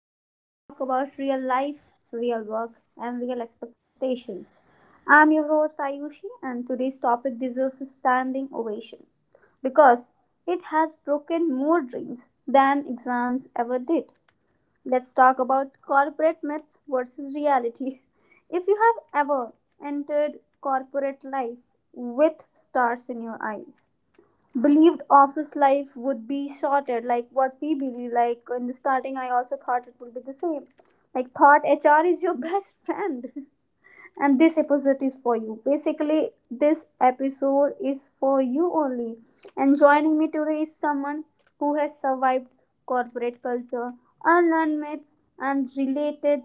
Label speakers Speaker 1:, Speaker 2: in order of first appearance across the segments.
Speaker 1: where we talk about real life, real work, and real expectations. I'm your host, Ayushi, and today's topic deserves a standing ovation because it has broken more dreams than exams ever did. Let's talk about corporate myths versus reality. If you have ever entered corporate life with stars in your eyes, believed office life would be shorter, like what we believe, like in the starting I also thought it would be the same, like thought HR is your best friend, and this episode is for you. Basically, this episode is for you only. And joining me today is someone who has survived corporate culture, unlearned myths and related,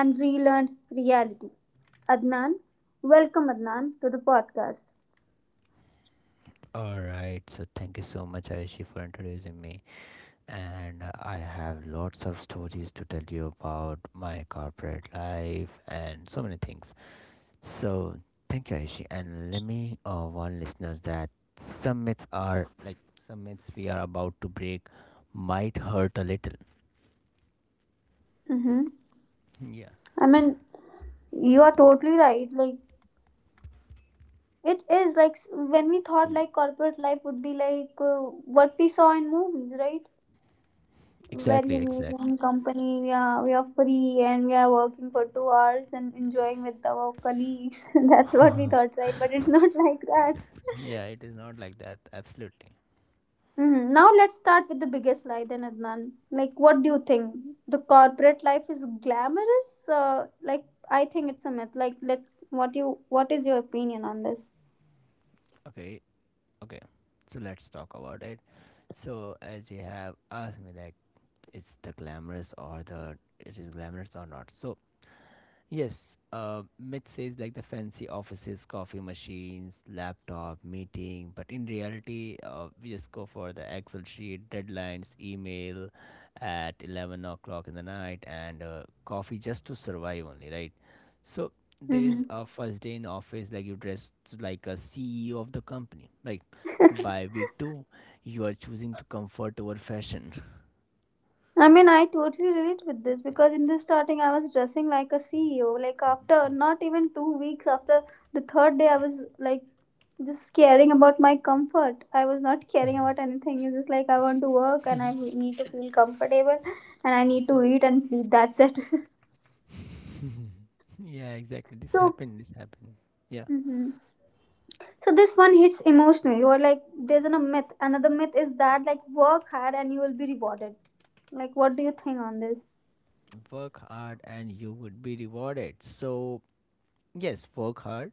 Speaker 1: and relearned reality. Adnan, welcome Adnan to the podcast.
Speaker 2: All right, so thank you so much, Aishi, for introducing me. And I have lots of stories to tell you about my corporate life and so many things. So thank you, Aishi. And let me warn listeners that some myths we are about to break might hurt a little.
Speaker 1: Mm-hmm.
Speaker 2: Yeah,
Speaker 1: i mean You are totally right. Like, it is like when we thought
Speaker 2: Mm,
Speaker 1: like corporate life would be like what we saw in movies, right? Very
Speaker 2: exactly, exactly.
Speaker 1: amazing company. We are free and we are working for 2 hours and enjoying with our colleagues. That's what we thought, right? But it's not like that.
Speaker 2: Yeah, it is not like that. Absolutely.
Speaker 1: Mhm. Now let's start with the biggest lie then, Adnan. Like, what do you think? The corporate life is glamorous? Like, I think it's a myth. Like, let's. What do you? What is your opinion on this?
Speaker 2: Okay, okay. So let's talk about it. So as you have asked me that it is glamorous or not, so yes, myth says like the fancy offices, coffee machines, laptop, meeting, but in reality, we just go for the excel sheet, deadlines, email at 11 o'clock in the night, and coffee just to survive only, right? So there is
Speaker 1: Mm-hmm.
Speaker 2: a first day in office, like you dressed like a ceo of the company, like by week two you are choosing to comfort over fashion.
Speaker 1: I mean, I totally relate with this because in the starting, I was dressing like a CEO. Like, after not even 2 weeks, after the 3rd day, I was like just caring about my comfort. I was not caring about anything. It's just like I want to work and I need to feel comfortable, and I need to eat and sleep. That's it.
Speaker 2: Yeah, exactly. This
Speaker 1: So,
Speaker 2: happened. This happened. Yeah.
Speaker 1: hmm, so this one hits emotionally. Or like, there's a myth. Another myth is that like work hard and you will be rewarded. Like, what do you think on this?
Speaker 2: Work hard and you would be rewarded. So, yes, work hard.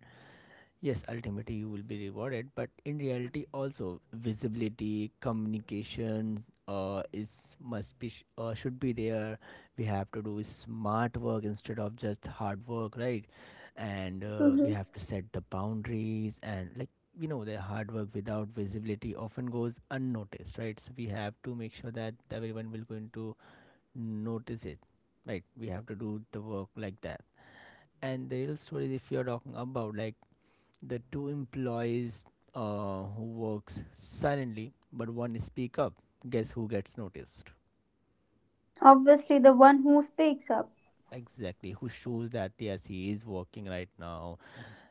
Speaker 2: Yes, ultimately you will be rewarded. But in reality, also visibility, communication, is must be sh- should be there. We have to do smart work instead of just hard work, right? And We
Speaker 1: Hmm.
Speaker 2: have to set the boundaries and like you know, the hard work without visibility often goes unnoticed, right? So we have to make sure that everyone will go into notice it, right? We have to do the work like that. And the real stories, if you're talking about like the 2 employees, who works silently but one speak up, guess who gets noticed?
Speaker 1: Obviously, the one who speaks up.
Speaker 2: Exactly, who shows that yes, he is working right now,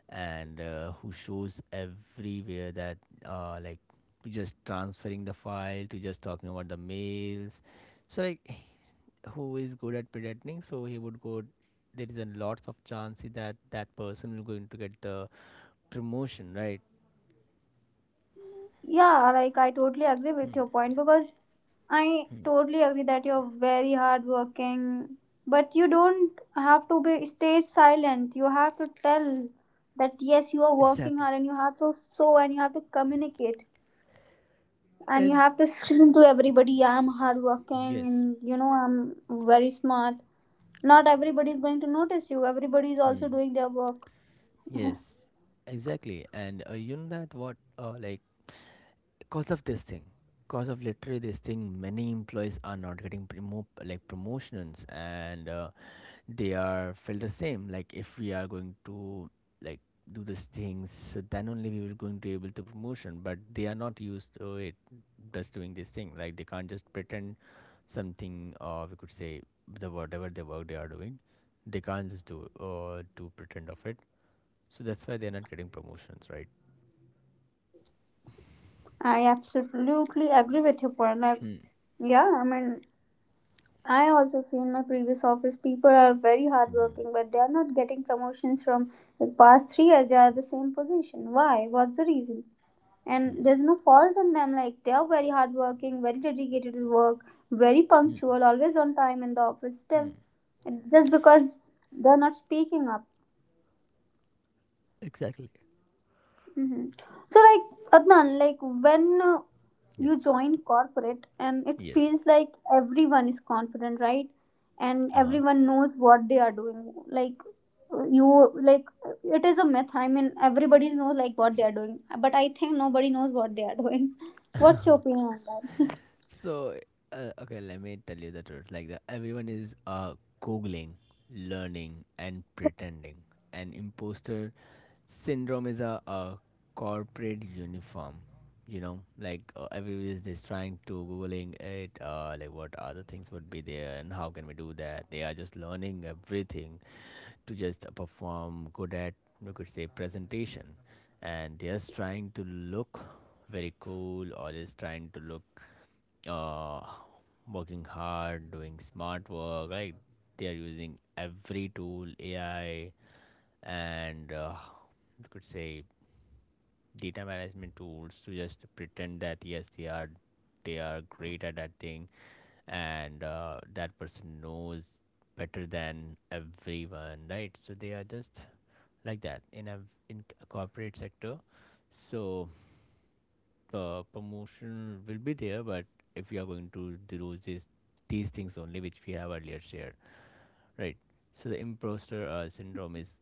Speaker 2: and who shows everywhere that uh, like to just transferring the file, to just talking about the mails, so like who is good at predicting, so he would go. There is a lots of chance that that person will going to get the promotion, right?
Speaker 1: Yeah, like I totally agree with your point because I totally agree that you're very hardworking, but you don't have to be stay silent. You have to tell that yes, you are working
Speaker 2: Exactly.
Speaker 1: hard, and you have to show, and you have to communicate, and you
Speaker 2: And
Speaker 1: have to scream to everybody, I'm hardworking,
Speaker 2: Yes.
Speaker 1: and you know I'm very smart. Not everybody is going to notice you. Everybody is
Speaker 2: Hmm.
Speaker 1: also doing their work.
Speaker 2: Yes. Exactly. And you know that what cause of this thing, cause of literally this thing, many employees are not getting like promotions, and they are felt the same, like if we are going to like do these things, so then only we were going to able to promotion, but they are not used to it, just doing this thing, like they can't just pretend something, or we could say the whatever the work they are doing, they can't just do do pretend of it, so that's why they're not getting promotions, right?
Speaker 1: I absolutely agree with your point. Like,
Speaker 2: Hmm.
Speaker 1: yeah, I mean I also see in my previous office people are very
Speaker 2: Hmm.
Speaker 1: hardworking, but they are not getting promotions from like past 3 years. They are the same position. Why? What's the reason?
Speaker 2: Hmm.
Speaker 1: And there's no fault in them. Like, they are very hardworking, very dedicated to work, very
Speaker 2: Hmm.
Speaker 1: punctual, always on time in the office. Still,
Speaker 2: Hmm.
Speaker 1: it's just because they're not speaking up.
Speaker 2: Exactly.
Speaker 1: Hmm. So, like, Adnan, like when
Speaker 2: Yeah.
Speaker 1: you join corporate and it
Speaker 2: Yes.
Speaker 1: feels like everyone is confident, right? And
Speaker 2: Uh-huh.
Speaker 1: everyone knows what they are doing. Like it is a myth. I mean, everybody knows like what they are doing, but I think nobody knows what they are doing. What's your opinion on that?
Speaker 2: So, okay, let me tell you the truth. Like, everyone is googling, learning, and pretending. And imposter syndrome is a corporate uniform. You know, like everyone is just trying to googling it. Like, what other things would be there, and how can we do that? They are just learning everything to just perform good at, we could say, presentation, and they are just trying to look very cool or just trying to look uh, working hard, doing smart work. Like they are using every tool, AI, and we could say data management tools to just pretend that yes, they are great at that thing, and that person knows better than everyone, right? So they are just like that in a corporate sector. So promotion will be there, but if you are going to do this these things only, which we have earlier shared. Right. So the imposter syndrome is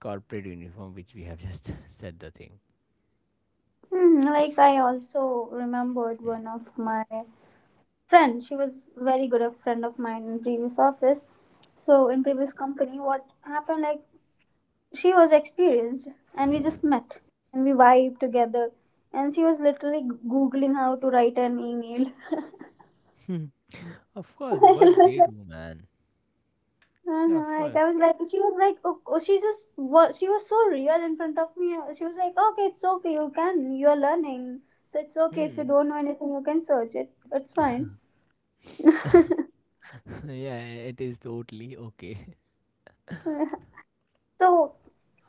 Speaker 2: corporate uniform, which we have just said the thing.
Speaker 1: Hmm, like I also remembered one of my friend. She was very good a friend of mine in previous office. So in previous company, what happened, like she was experienced and we just met and we vibed together, and she was literally googling how to write an email.
Speaker 2: Hmm. Of course,
Speaker 1: I
Speaker 2: what
Speaker 1: was
Speaker 2: they
Speaker 1: like,
Speaker 2: do, man. Yeah, of
Speaker 1: uh-huh. Like, I
Speaker 2: course.
Speaker 1: was like, oh, oh, she was so real in front of me. She was like, okay, it's okay, you can, you're learning, so it's okay. If you
Speaker 2: Hmm.
Speaker 1: don't know anything you can search it, it's fine.
Speaker 2: Yeah, it is totally okay.
Speaker 1: So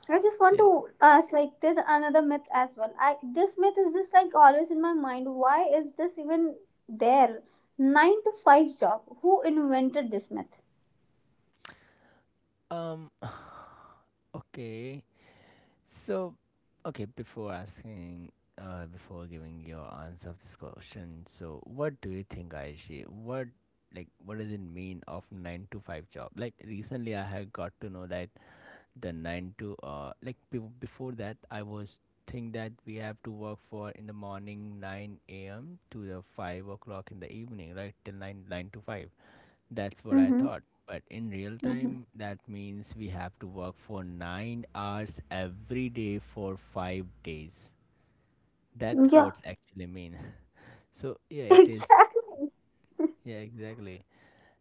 Speaker 1: I just want
Speaker 2: Yes.
Speaker 1: to ask, like, there's another myth as well. I, this myth is just like always in my mind. Why is this even there? 9 to 5 job. Who invented this myth?
Speaker 2: Um. Okay. So, okay. Before giving your answer of this question, so what do you think, Aishi? What, like what does it mean of nine to five job? Like recently, I have got to know that The 9 to uh like be- before that I was think that we have to work for in the morning 9 a.m. to the 5 o'clock in the evening, right? Till 9, 9 to 5, that's what I
Speaker 1: Mm-hmm.
Speaker 2: thought. But in real
Speaker 1: Mm-hmm.
Speaker 2: time that means we have to work for 9 hours every day for 5 days, that's
Speaker 1: Yeah,
Speaker 2: what's actually mean. So yeah, it is.
Speaker 1: exactly.
Speaker 2: Yeah, exactly.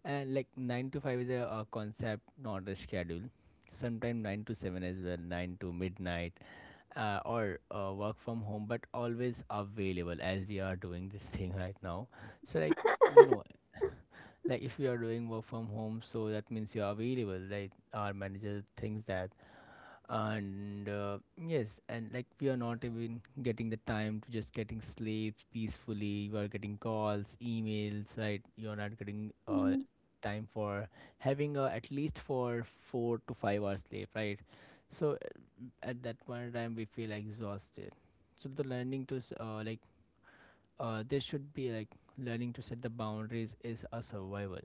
Speaker 2: And like 9 to 5 is a concept, not a schedule. Sometimes 9 to 7 as well, 9 to midnight, or work from home but always available, as we are doing this thing right now. So like, you know, like if you are doing work from home, so that means you are available, like our manager thinks that. And yes, and like we are not even getting the time to just getting sleeps peacefully, you are getting calls, emails, right? You are not getting
Speaker 1: Mm.
Speaker 2: time for having at least for 4 to 5 hours sleep, right? So at that point in time we feel exhausted. So the learning to s- like there should be like learning to set the boundaries is a survival.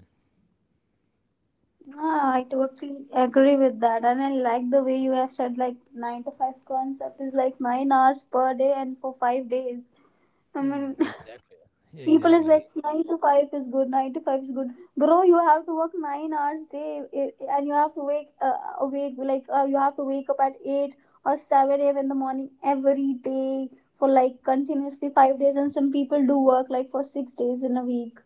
Speaker 1: Ah, I totally agree with that, and I like the way you have said like 9 to 5 concept is like 9 hours per day and for 5 days. I
Speaker 2: Hmm,
Speaker 1: mean,
Speaker 2: exactly. Yeah,
Speaker 1: people is
Speaker 2: exactly.
Speaker 1: like 9 to 5 is good, 9 to 5 is good. Bro, you have to work 9 hours day, and you have to wake awake, like you have to wake up at 8 or 7 a.m. in the morning every day for like continuously 5 days, and some people do work like for 6 days in a week.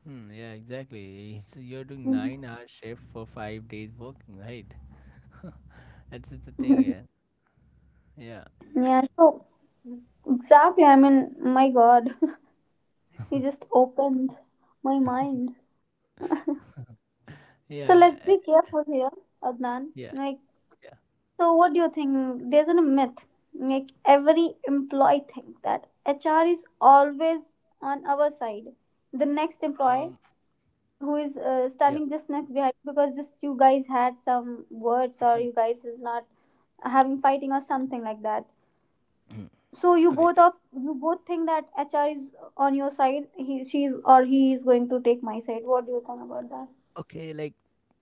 Speaker 2: Hmm, yeah, exactly, so you're doing 9 hour shift for 5 days working, right? That's just the thing.
Speaker 1: Mhm.
Speaker 2: Yeah. Yeah.
Speaker 1: Yeah, so exactly, I mean, my god, he just opened my mind. So
Speaker 2: yeah
Speaker 1: let's
Speaker 2: uh,
Speaker 1: be careful here, Adnan,
Speaker 2: yeah.
Speaker 1: like,
Speaker 2: Yeah.
Speaker 1: so, what do you think? There's a myth. Like every employee think that HR is always on our side. The next employee
Speaker 2: Um,
Speaker 1: who is
Speaker 2: yeah.
Speaker 1: standing just next behind, because just you guys had some words or you guys is not having fighting or something like that. So you
Speaker 2: Okay.
Speaker 1: both, think that HR is on your side. He she's or he is going to take my side. What do you think about that?
Speaker 2: Okay, like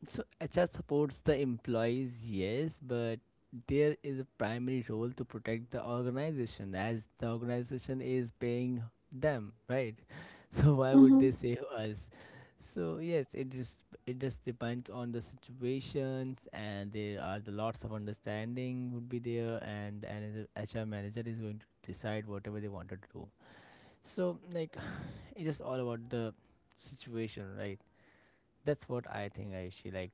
Speaker 2: so HR supports the employees, yes, but there is a primary role to protect the organization as the organization is paying them, right? So why would
Speaker 1: Mm-hmm.
Speaker 2: they save us? So yes, it just depends on the situations, and there are the lots of understanding would be there, and the HR manager is going to decide whatever they wanted to do. So like, it's just all about the situation, right? That's what I think, Aishi. Like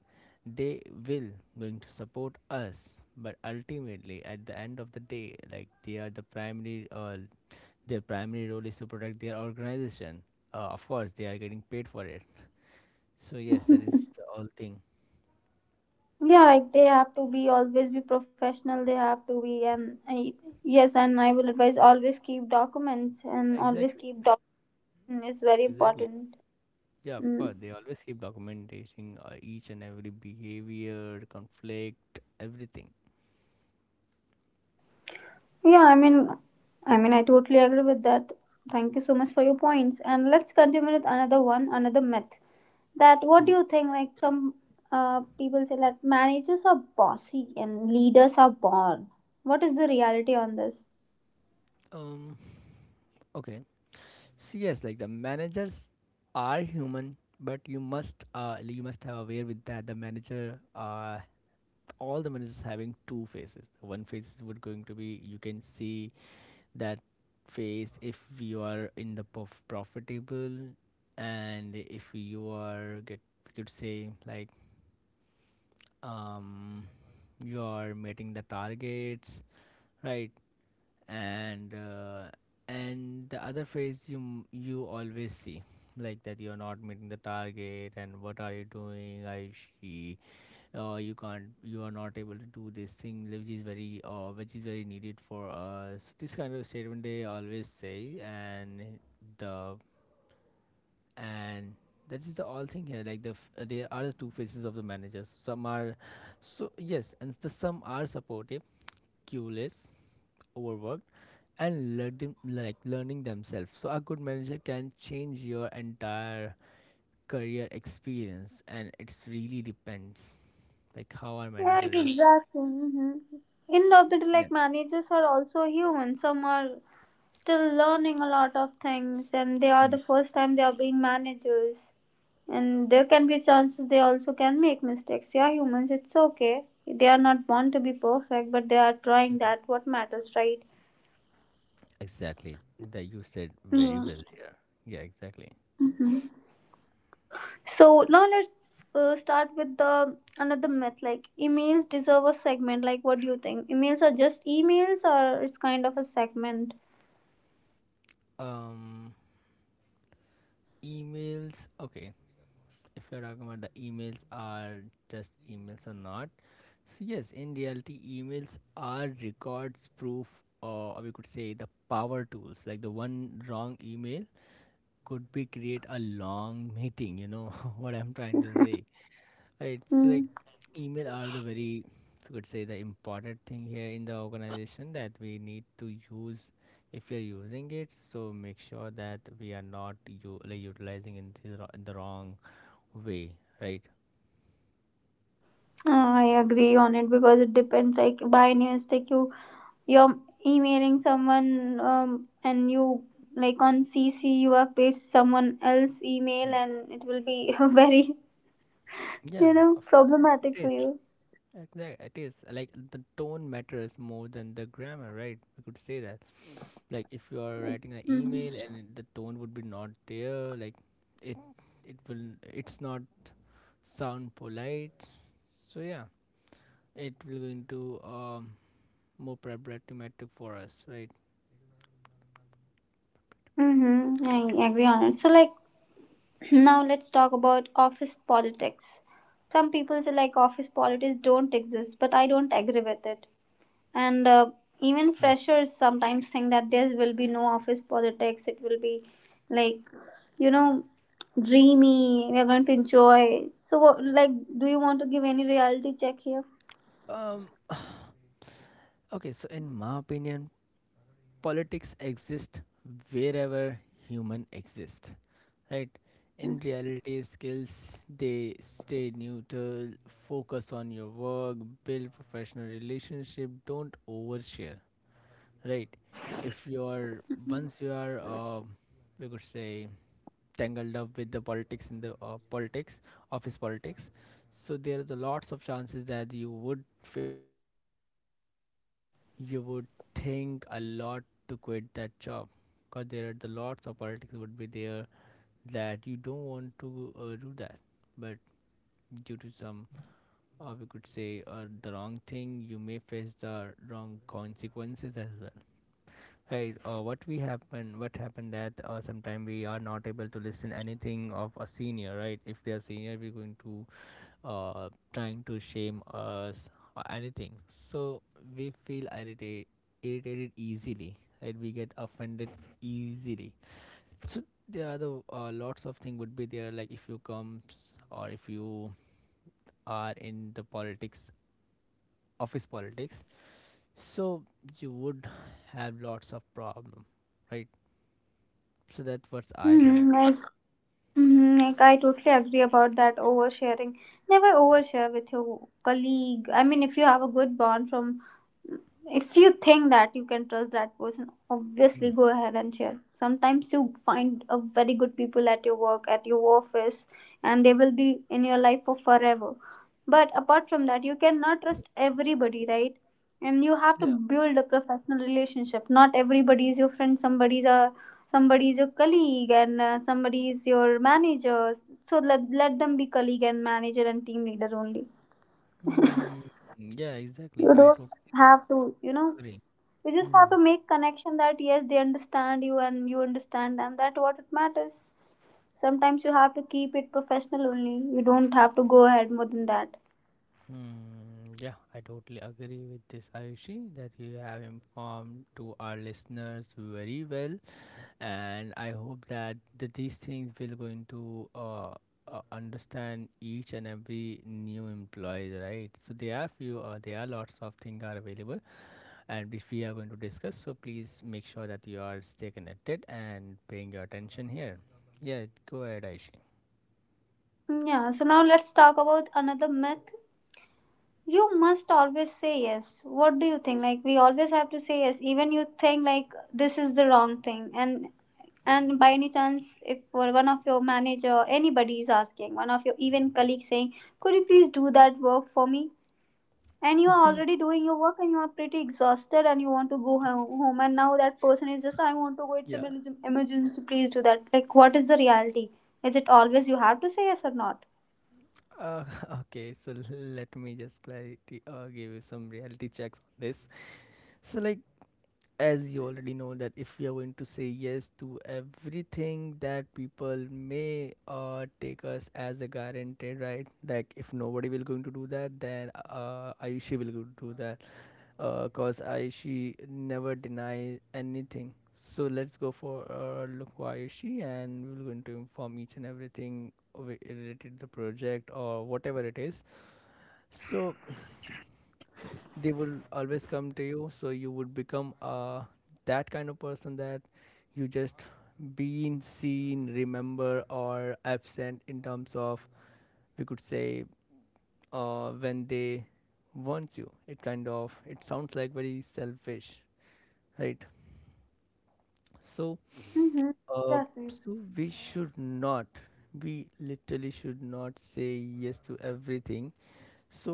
Speaker 2: they will going to support us, but ultimately at the end of the day, like they are the primary their primary role is to protect their organization. Uh, of course they are getting paid for it, so yes, that is the whole thing.
Speaker 1: Yeah, like they have to be always be professional, they have to be, and yes, and I will advise always keep documents, and always
Speaker 2: Exactly.
Speaker 1: keep documents is very
Speaker 2: Exactly.
Speaker 1: important.
Speaker 2: Yeah, of
Speaker 1: Mm.
Speaker 2: course, they always keep documenting, each and every behavior, conflict, everything.
Speaker 1: Yeah, i mean i
Speaker 2: Hmm.
Speaker 1: mean I totally agree with that. Thank you so much for your points, and let's continue with another one. Another myth, that what
Speaker 2: Hmm.
Speaker 1: do you think, like some people say that managers are bossy and leaders are born. What is the reality on this?
Speaker 2: Um. Okay. So yes, like the managers are human, but you must you must have aware with that the manager all the managers having two faces. One face would going to be you can see that face if you are in the profitable, and if you are get, we could say like, um you are meeting the targets, right? And the other phase you you always see, like that you're not meeting the target, and what are you doing, I she You can't, you are not able to do this thing, which is very needed for us, this kind of statement they always say. And the and that is the all thing here, like there are the two faces of the managers, some are, so yes, and the some are supportive, clueless, overworked, and learning, like learning themselves. So a good manager can change your entire career experience, and it's really depends like how our
Speaker 1: Right,
Speaker 2: manager is.
Speaker 1: exactly. Hmm. End of the bit,
Speaker 2: Yeah.
Speaker 1: like managers are also human. Some are still learning a lot of things, and they are
Speaker 2: Hmm.
Speaker 1: the first time they are being managers. And there can be chances they also can make mistakes. They are humans. It's okay. They are not born to be perfect, but they are trying.
Speaker 2: Mhm.
Speaker 1: That what matters, right?
Speaker 2: Exactly, that you said very
Speaker 1: Mm.
Speaker 2: well here. Yeah, exactly.
Speaker 1: So now let's start with the another myth. Like, emails deserve a segment. Like, what do you think? Emails are just emails, or it's kind of a segment.
Speaker 2: um emails, okay. If you're talking about the emails are just emails or not, so yes, in reality emails are records, proof, or we could say the power tools. Like the one wrong email could be create a long meeting, you know, what I'm trying to say. Right, it's like
Speaker 1: Mm-hmm.
Speaker 2: email are the very, we could say, the important thing here in the organization that we need to use. If you're using it, so make sure that we are not, you like, utilizing in the, in the wrong way, right?
Speaker 1: Ah, I agree on it because it depends. Like by any mistake, you're emailing someone, and you like on CC you have paste someone else email,
Speaker 2: Hmm.
Speaker 1: and it will be very,
Speaker 2: Yeah,
Speaker 1: you know,
Speaker 2: of course
Speaker 1: problematic
Speaker 2: it
Speaker 1: for
Speaker 2: is.
Speaker 1: you.
Speaker 2: Exactly, it is, like the tone matters more than the grammar, right? We could say that, like if you are writing an email
Speaker 1: Mm-hmm.
Speaker 2: and the tone would be not there, like it it will it's not sound polite, so yeah, it will go into um more preparative metric for us, right?
Speaker 1: Mm-hmm. I agree on it. So like, now let's talk about office politics. Some people say like office politics don't exist, but I don't agree with it. And Even
Speaker 2: Hmm.
Speaker 1: freshers sometimes think that there will be no office politics, it will be like, you know, dreamy, we're going to enjoy. So what, like, do you want to give any reality check here?
Speaker 2: um okay, so in my opinion politics exist wherever human exist, right? In reality skills, they stay neutral. Focus on your work, build professional relationship, don't overshare, right? if you are
Speaker 1: Hmm.
Speaker 2: once you are um we could say, tangled up with the politics in the politics, office politics, so there is a lots of chances that you would fail, you would think a lot to quit that job, because there are the lots of politics would be there, that you don't want to do that. But due to some, we could say, the wrong thing, you may face the wrong consequences as well. Right. What we happen? What happened that sometime we are not able to listen anything of a senior, right? If they are senior, we're going to trying to shame us or anything. So we feel irritated easily, right? We get offended easily. So there are the lots of things would be there, like if you comes or if you are in the politics, office politics. So you would have lots of problem, right? So that's what I think.
Speaker 1: Like, mhm, like I totally agree about that oversharing. Never overshare with your colleague. I mean, if you have a good bond from, if you think that you can trust that person, obviously
Speaker 2: Hmm.
Speaker 1: go ahead and share. Sometimes you find a very good people at your work, at your office, and they will be in your life for forever. But apart from that you cannot trust everybody, right? And you have to
Speaker 2: Yeah.
Speaker 1: build a professional relationship. Not everybody is your friend. Somebody is your colleague, and somebody is your manager. So let them be colleague and manager and team leader only.
Speaker 2: Hmm. Yeah, exactly.
Speaker 1: You
Speaker 2: I
Speaker 1: don't
Speaker 2: totally
Speaker 1: have to, you know,
Speaker 2: agree.
Speaker 1: you just
Speaker 2: Hmm.
Speaker 1: have to make connection that yes, they understand you and you understand them. That what it matters. Sometimes you have to keep it professional only, you don't have to go ahead more than that.
Speaker 2: Hmm. Yeah, I totally agree with this, Ayushi, that you have informed to our listeners very well, and I hope that these things will going to understand each and every new employees, right? So there are few, there are lots of things are available, and which we are going to discuss. So please make sure that you are stay connected and paying your attention here. Yeah, go ahead, Aishi.
Speaker 1: Hmm, yeah, so now let's talk about another myth, you must always say yes. What do you think, like we always have to say yes, even you think like this is the wrong thing? And by any chance if one of your manager, anybody is asking one of your even colleagues saying, could you please do that work for me, and you are already doing your work and you are pretty exhausted and you want to go home, and now that person is just, I want to go, it's an
Speaker 2: Yeah.
Speaker 1: emergency, please do that. Like, what is the reality, is it always you have to say yes or not?
Speaker 2: Uh, okay. So let me just clarity or give you some reality checks on this. So, like, as you already know that if we are going to say yes to everything, that people may take us as a guaranteed, right? Like if nobody will going to do that, then Ayushi will go do that. Cause I she never deny anything. So let's go for look why she, and we're going to inform each and everything wi- related to the project or whatever it is. So they will always come to you. So you would become that kind of person that you just been seen, remember or absent in terms of, we could say, when they want you. It kind of it sounds like very selfish, right? So
Speaker 1: Mm-hmm.
Speaker 2: Uh,
Speaker 1: Exactly.
Speaker 2: so we should not, we literally should not say yes to everything. So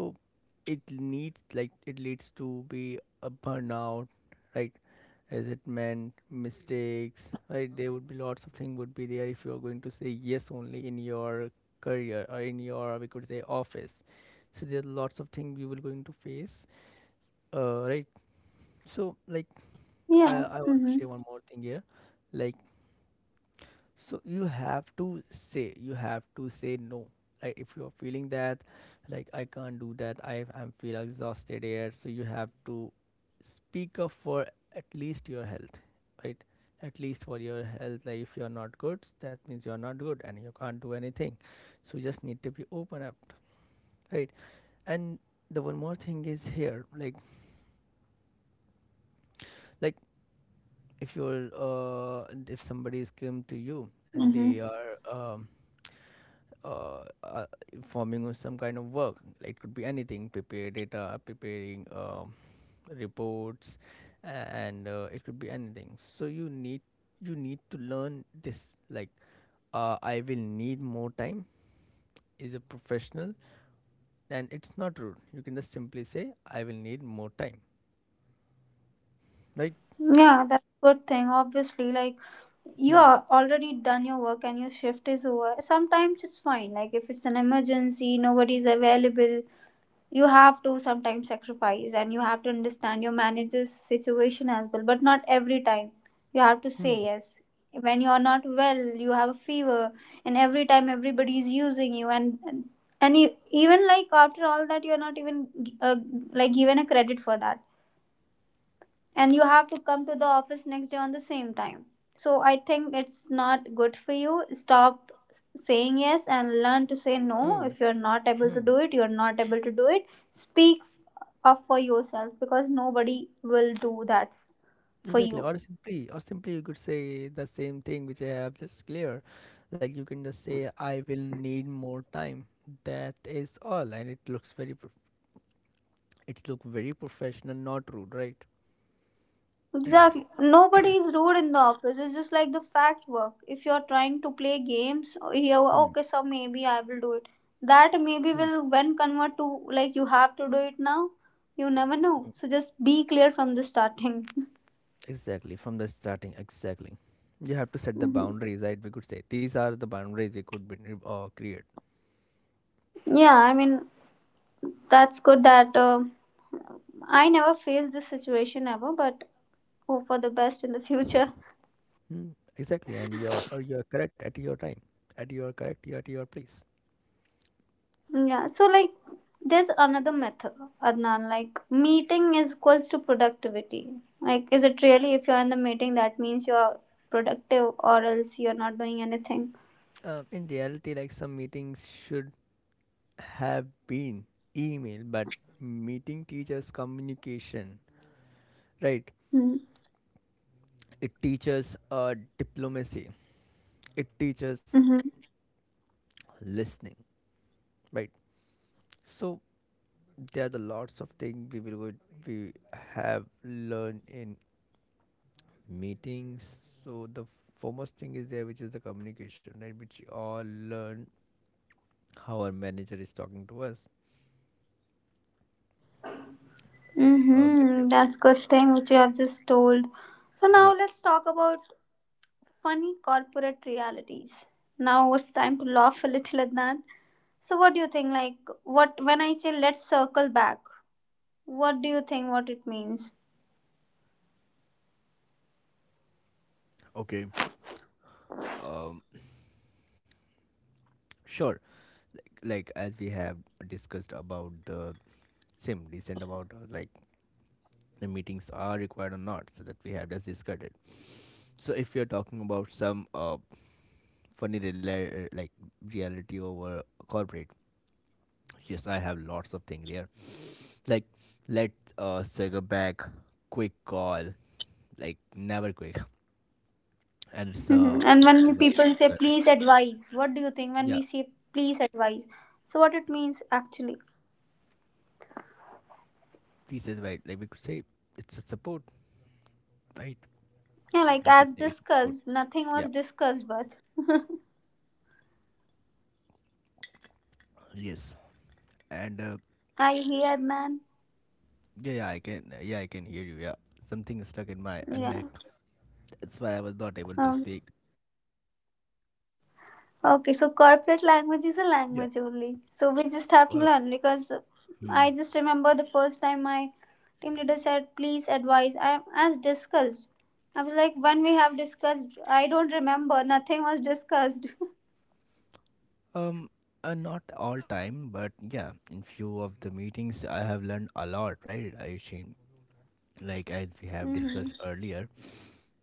Speaker 2: it needs, like it leads to be a burnout, right? As it meant mistakes, right? There would be lots of things would be there if you are going to say yes only in your career or in your, we could say, office. So there are lots of things you will going to face, right? So like
Speaker 1: Yeah.
Speaker 2: I want to
Speaker 1: Mm-hmm.
Speaker 2: share one more thing here, like, so you have to say, you have to say no. Like if you're feeling that, like I can't do that, I am feel exhausted here. So you have to speak up for at least your health, right? At least for your health. Like if you're not good, that means you're not good and you can't do anything. So you just need to be open up, right? And the one more thing is here, like if you're and if somebody's come to you and
Speaker 1: Mm-hmm.
Speaker 2: they are uh, uh, forming some kind of work. Like, it could be anything, prepare data, preparing reports, and it could be anything. So you need, you need to learn this. Like, I will need more time. Is a professional, and it's not rude. You can just simply say I will need more time, right?
Speaker 1: Yeah, that's a good thing, obviously. Like, you
Speaker 2: Hmm.
Speaker 1: are already done your work and your shift is over. Sometimes it's fine, like if it's an emergency, nobody's available, you have to sometimes sacrifice and you have to understand your manager's situation as well, but not every time you have to say yes. When you are not well, you have a fever, and every time everybody is using you, and you, even like after all that, you are not even uh, like given a credit for that, and you have to come to the office next day on the same time. So I think it's not good for you. Stop saying yes and learn to say no.
Speaker 2: Hmm.
Speaker 1: If you're not able to
Speaker 2: Hmm.
Speaker 1: do it, you're not able to do it. Speak up for yourself, because nobody will do that for
Speaker 2: Exactly,
Speaker 1: you.
Speaker 2: or simply you could say the same thing which I have just clear. Like you can just say, I will need more time. That is all, and it looks very, prof- it look very professional, not rude, right?
Speaker 1: Exactly. Nobody is rude in the office. It's just like the fact work. If you're trying to play games, oh, yeah,
Speaker 2: Hmm.
Speaker 1: okay, so maybe I will do it. That maybe
Speaker 2: Hmm.
Speaker 1: will when convert to like you have to do it now. You never
Speaker 2: Hmm.
Speaker 1: know. So just be clear from the starting.
Speaker 2: Exactly, from the starting, exactly. You have to set the
Speaker 1: Mhm.
Speaker 2: boundaries, right? We could say these are the boundaries we could be, create.
Speaker 1: Yeah, I mean that's good that I never faced this situation ever, but hope for the best in the future.
Speaker 2: Hmm, exactly, and you are, or you are correct at your time, at your correct, you at your place.
Speaker 1: Yeah, so like there's another method, Adnan, like meeting is equals to productivity. Like, is it really? If you're in the meeting, that means you're productive, or else you're not doing anything?
Speaker 2: In reality, like some meetings should have been email, but meeting teaches communication, right? It teaches diplomacy, it teaches
Speaker 1: Mm-hmm.
Speaker 2: listening, right? So, there are the lots of things we will go, we have learned in meetings. So, the foremost thing is there, which is the communication, right? Which we all learn how our manager is talking to us. It give
Speaker 1: Mm-hmm.
Speaker 2: me
Speaker 1: That's good thing which you have just told. So
Speaker 2: a
Speaker 1: now
Speaker 2: minute.
Speaker 1: let's talk about funny corporate realities. Now it's time to laugh a little, Adnan. So what do you think? Like, what when I say let's circle back, what do you think? What it means?
Speaker 2: Yeah, okay, um, sure, like as we have discussed about the same recent about like the meetings are required or not, so that we have just discussed it. So if you're talking about some funny rela- like reality over corporate, yes, I have lots of things there, like let's circle back, quick call, like never quick, and it's
Speaker 1: Mhm. And
Speaker 2: like
Speaker 1: when we
Speaker 2: advice
Speaker 1: people
Speaker 2: as
Speaker 1: say
Speaker 2: well.
Speaker 1: please advise, what do you think when
Speaker 2: Yeah,
Speaker 1: we say please advise? So what it means actually?
Speaker 2: please as well, like we could say it's a support, right?
Speaker 1: Yeah, like
Speaker 2: We
Speaker 1: as
Speaker 2: could say it's support.
Speaker 1: discussed, nothing
Speaker 2: Yeah.
Speaker 1: was discussed, but
Speaker 2: Yes. and
Speaker 1: I hear man.
Speaker 2: yeah, yeah, I can hear you. Yeah, something is stuck in my
Speaker 1: Yeah.
Speaker 2: neck. That's why I was not able to
Speaker 1: Um,
Speaker 2: speak.
Speaker 1: okay, so corporate language is a
Speaker 2: Yeah.
Speaker 1: language only. So we just have to
Speaker 2: Well,
Speaker 1: learn because
Speaker 2: hmm.
Speaker 1: I just remember the first time my team leader said please advise. I as discussed. I was like when we have discussed, I don't remember. Nothing was discussed.
Speaker 2: Um, not all time, but yeah, in few of the meetings, I have learned a lot, right, Ayushin? Like as we have
Speaker 1: Hmm.
Speaker 2: discussed earlier,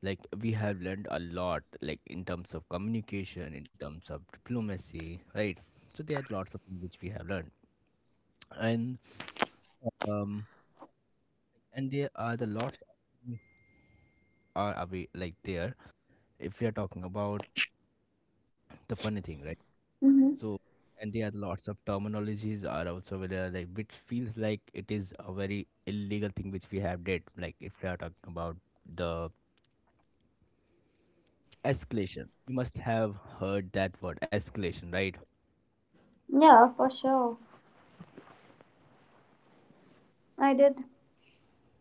Speaker 2: like we have learned a lot, like in terms of communication, in terms of diplomacy, right? So there are lots of things which we have learned, and um, and there are the lots are away like there. If we are talking about the funny thing, right?
Speaker 1: Hmm.
Speaker 2: So and there are lots of terminologies are also there, like which feels like it is a very illegal thing which we have did, like if we are talking about the escalation, you must have heard that word, escalation, right?
Speaker 1: Yeah, for sure. I did.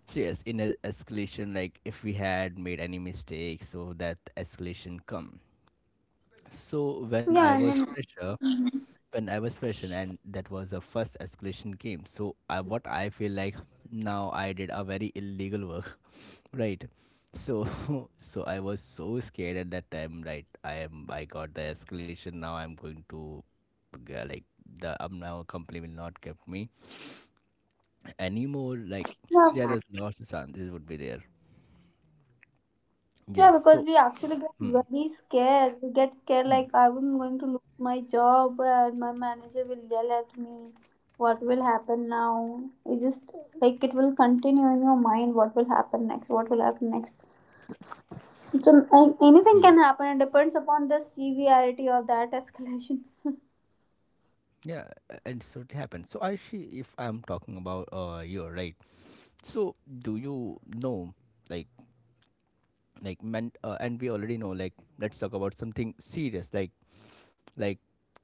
Speaker 2: So yes, in a escalation, like if we had made any mistakes, so that escalation come. So when
Speaker 1: Yeah,
Speaker 2: I
Speaker 1: I
Speaker 2: was
Speaker 1: mean,
Speaker 2: fresher, when I was freshman, and that was the first escalation game. So I, what I feel like, now I did a very illegal work, right? So so I was so scared at that time, right? I am I got the escalation. Now I'm going to g- like the now company will not keep me anymore. Like yeah,
Speaker 1: yeah,
Speaker 2: there's lots of chances would be there.
Speaker 1: yeah,
Speaker 2: Yes.
Speaker 1: because
Speaker 2: So
Speaker 1: we actually get
Speaker 2: hmm,
Speaker 1: very scared. We get scared
Speaker 2: hmm,
Speaker 1: like I'm going to lose my job and my manager will yell at me. What will happen now? It just like it will continue in your mind. What will happen next? What will happen next? So anything
Speaker 2: hmm.
Speaker 1: can happen. It depends upon the severity of that escalation.
Speaker 2: Yeah, a- and so it happens. So Aishi, if I'm talking about you, right? So do you know, like, like men, and we already know, like, let's talk about something serious, like,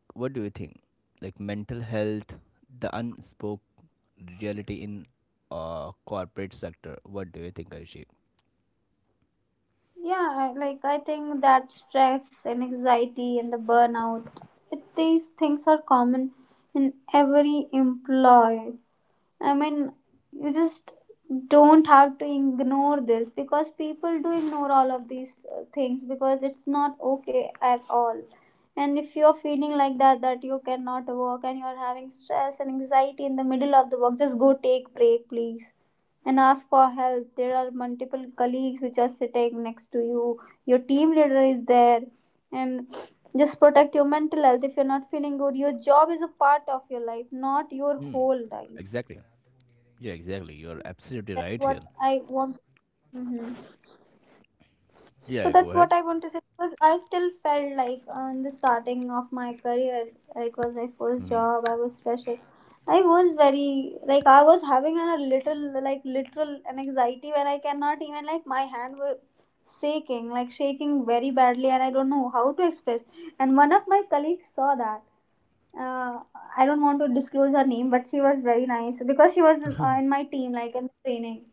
Speaker 2: what do you think? Like mental health, the unspoke reality in corporate sector. What do you think, Aishi?
Speaker 1: Yeah, like I think that stress and anxiety and the burnout, it, these things are common in every employee. I mean, you just don't have to ignore this, because people do ignore all of these things, because it's not okay at all. And if you're feeling like that, that you cannot work and you're having stress and anxiety in the middle of the work, just go take break, please, and ask for help. There are multiple colleagues which are sitting next to you. Your team leader is there, and just protect your mental health. If you're not feeling good, your job is a part of your life, not your
Speaker 2: Hmm.
Speaker 1: whole life.
Speaker 2: Exactly. Yeah, exactly. You're absolutely
Speaker 1: That's
Speaker 2: right here.
Speaker 1: what I want. Hmm. So
Speaker 2: Yeah, go
Speaker 1: that's
Speaker 2: ahead.
Speaker 1: what I want to say because I still felt like on the starting of my career, it was my first
Speaker 2: Mm-hmm.
Speaker 1: job. I was fresher. I was very like I was having a little like literal an anxiety where I cannot even like my hand were shaking, like shaking very badly, and I don't know how to express. And one of my colleagues saw that. Uh, I don't want to disclose her name, but she was very nice because she was in my team, like in the training.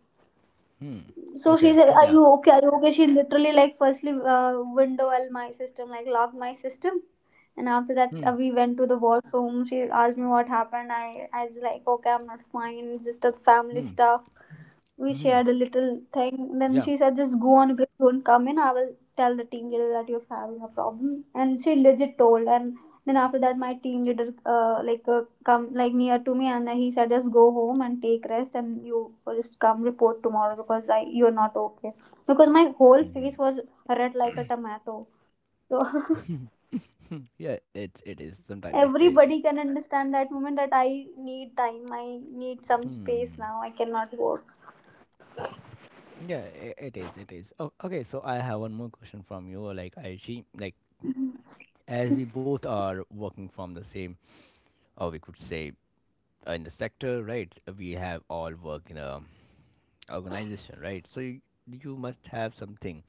Speaker 2: hmm.
Speaker 1: So she
Speaker 2: Okay.
Speaker 1: said, are
Speaker 2: Yeah.
Speaker 1: you okay, are you okay? She literally like firstly windowed my system, like locked my system, and after that
Speaker 2: Hmm.
Speaker 1: we went to the washroom. She asked me what happened. I was like, okay, I'm not fine, just the family
Speaker 2: Hmm.
Speaker 1: stuff. We
Speaker 2: Hmm.
Speaker 1: shared a little thing. Then
Speaker 2: Yeah.
Speaker 1: she said, just go on, please don't come in. I will tell the team leader that you're having a problem. And she legit told. And then after that, my team leader come like near to me and he said, just go home and take rest and you just come report tomorrow because I you're not okay. Because my whole face
Speaker 2: Mhm.
Speaker 1: was red like a tomato. So
Speaker 2: Hmm. Yeah, it is. Sometimes it is.
Speaker 1: everybody can understand that moment that I need time. I need some space
Speaker 2: Hmm.
Speaker 1: now. I cannot work.
Speaker 2: Yeah, I it is. It is. Oh, okay. So I have one more question from you. Like I she, like as we both are working from the same, or we could say in the sector, right? We have all work in a organization, right? So you must have something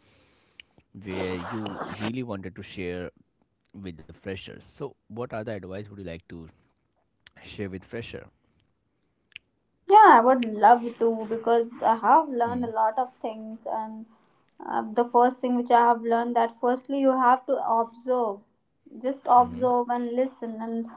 Speaker 2: where you really wanted to share with the freshers. So what other advice would you like to share with fresher?
Speaker 1: Yeah, I would love to because I have learned
Speaker 2: Mm.
Speaker 1: a lot of things, and the first thing which I have learned that firstly you have to observe, just
Speaker 2: Mm-hmm.
Speaker 1: observe and listen, and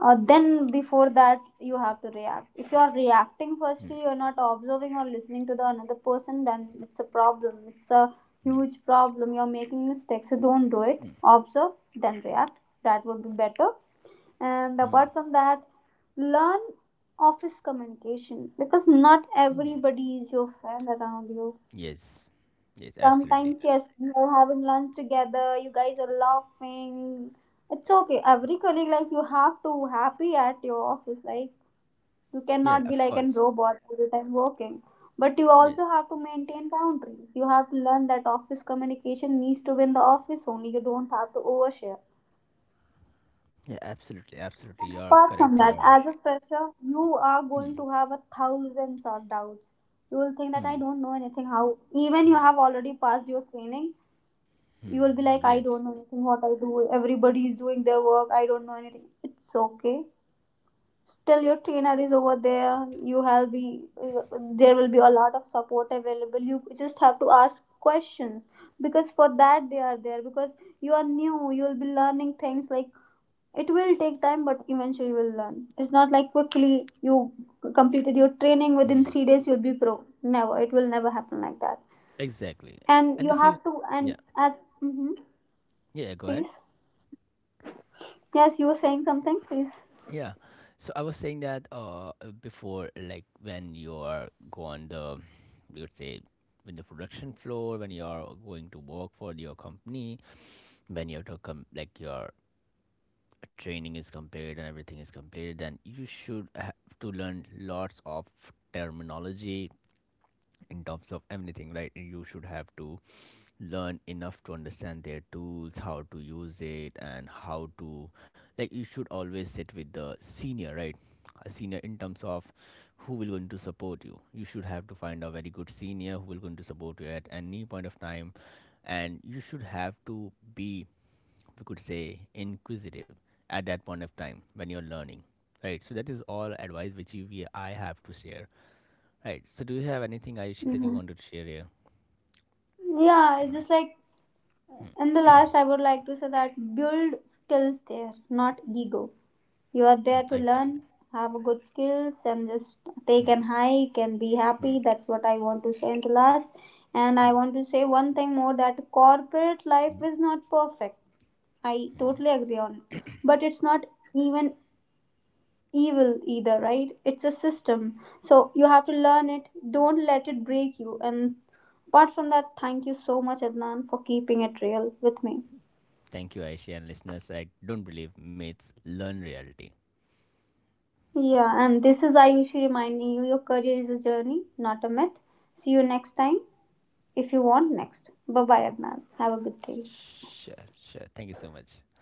Speaker 1: then before that you have to react. If you are reacting firstly, you are not observing or listening to the another person, then it's a problem. It's a
Speaker 2: Mm-hmm.
Speaker 1: huge problem. You are making mistakes, so don't do it. Observe, then react. That would be better. And
Speaker 2: Mm-hmm.
Speaker 1: apart from that, learn office communication, because not everybody is your friend around you.
Speaker 2: Yes, yes, absolutely.
Speaker 1: Sometimes,
Speaker 2: Yeah.
Speaker 1: yes, you are having lunch together, you guys are laughing. It's okay. Every colleague, like, you have to happy at your office. Like, you
Speaker 2: Yeah,
Speaker 1: cannot be
Speaker 2: of
Speaker 1: like a
Speaker 2: course.
Speaker 1: robot all the time working. But you
Speaker 2: Yes,
Speaker 1: also have to maintain boundaries. You have to learn that office communication needs to be in the office only. You don't have to overshare.
Speaker 2: yeah, absolutely, absolutely. You
Speaker 1: And
Speaker 2: are
Speaker 1: apart
Speaker 2: correct
Speaker 1: from
Speaker 2: here,
Speaker 1: that, as a
Speaker 2: Aisha.
Speaker 1: fresher, you are going
Speaker 2: Hmm,
Speaker 1: to have a thousands of doubts. You will think that I
Speaker 2: hmm,
Speaker 1: don't know anything. How even you
Speaker 2: hmm,
Speaker 1: have already passed your training, you
Speaker 2: hmm.
Speaker 1: will be like, I
Speaker 2: Yes,
Speaker 1: don't know anything. What I do, everybody is doing their work. I don't know anything. It's okay. Still, your trainer is over there. You have be there will be a lot of support available. You just have to ask questions, because for that they are there. Because you are new, you will be learning things like it will take time, but eventually you will learn. It's not like quickly you completed your training within
Speaker 2: hmm,
Speaker 1: 3 days, you'll be pro. Never. It will never happen like that.
Speaker 2: exactly.
Speaker 1: And
Speaker 2: And the
Speaker 1: you
Speaker 2: few,
Speaker 1: have to,
Speaker 2: yeah,
Speaker 1: and as, hmm,
Speaker 2: yeah. Go
Speaker 1: please.
Speaker 2: ahead.
Speaker 1: Yes, you were saying something, please.
Speaker 2: Yeah. So I was saying that before, like when you are go on the, you would say, in the production floor, when you are going to work for your company, when you have to come, like your training is complete and everything is complete, then you should have to learn lots of terminology in terms of everything, right? You should have to learn enough to understand their tools, how to use it and how to, like you should always sit with the senior, right? A senior in terms of who will going to support you, you should have to find a very good senior who will going to support you at any point of time. And you should have to be, we could say, inquisitive at that point of time when you're learning, right? So that is all advice which you, we, I have to share, right? So do you have anything, Ayushi, that you
Speaker 1: Hmm.
Speaker 2: wanted to share here?
Speaker 1: Yeah, it's just like in the last, I would like to say that build skills there, not ego. You are
Speaker 2: Mm,
Speaker 1: there to
Speaker 2: exactly.
Speaker 1: learn, have good skills, and just take an hike and be
Speaker 2: Mm,
Speaker 1: happy. That's what I want to say in the last. And I want to say one thing more, that corporate life
Speaker 2: mm.
Speaker 1: is not perfect. I totally agree on it. But it's not even evil either, right? It's a system. So you have to learn it. Don't let it break you. And apart from that, thank you so much, Adnan, for keeping it real with me.
Speaker 2: Thank you, Ayushi, and listeners, I don't believe myths, learn reality.
Speaker 1: Yeah, and this is Ayushi reminding you your career is a journey, not a myth. See you next time if you want next. Bye bye, Adnan. Have a good day.
Speaker 2: Sure. Sure, thank you so much.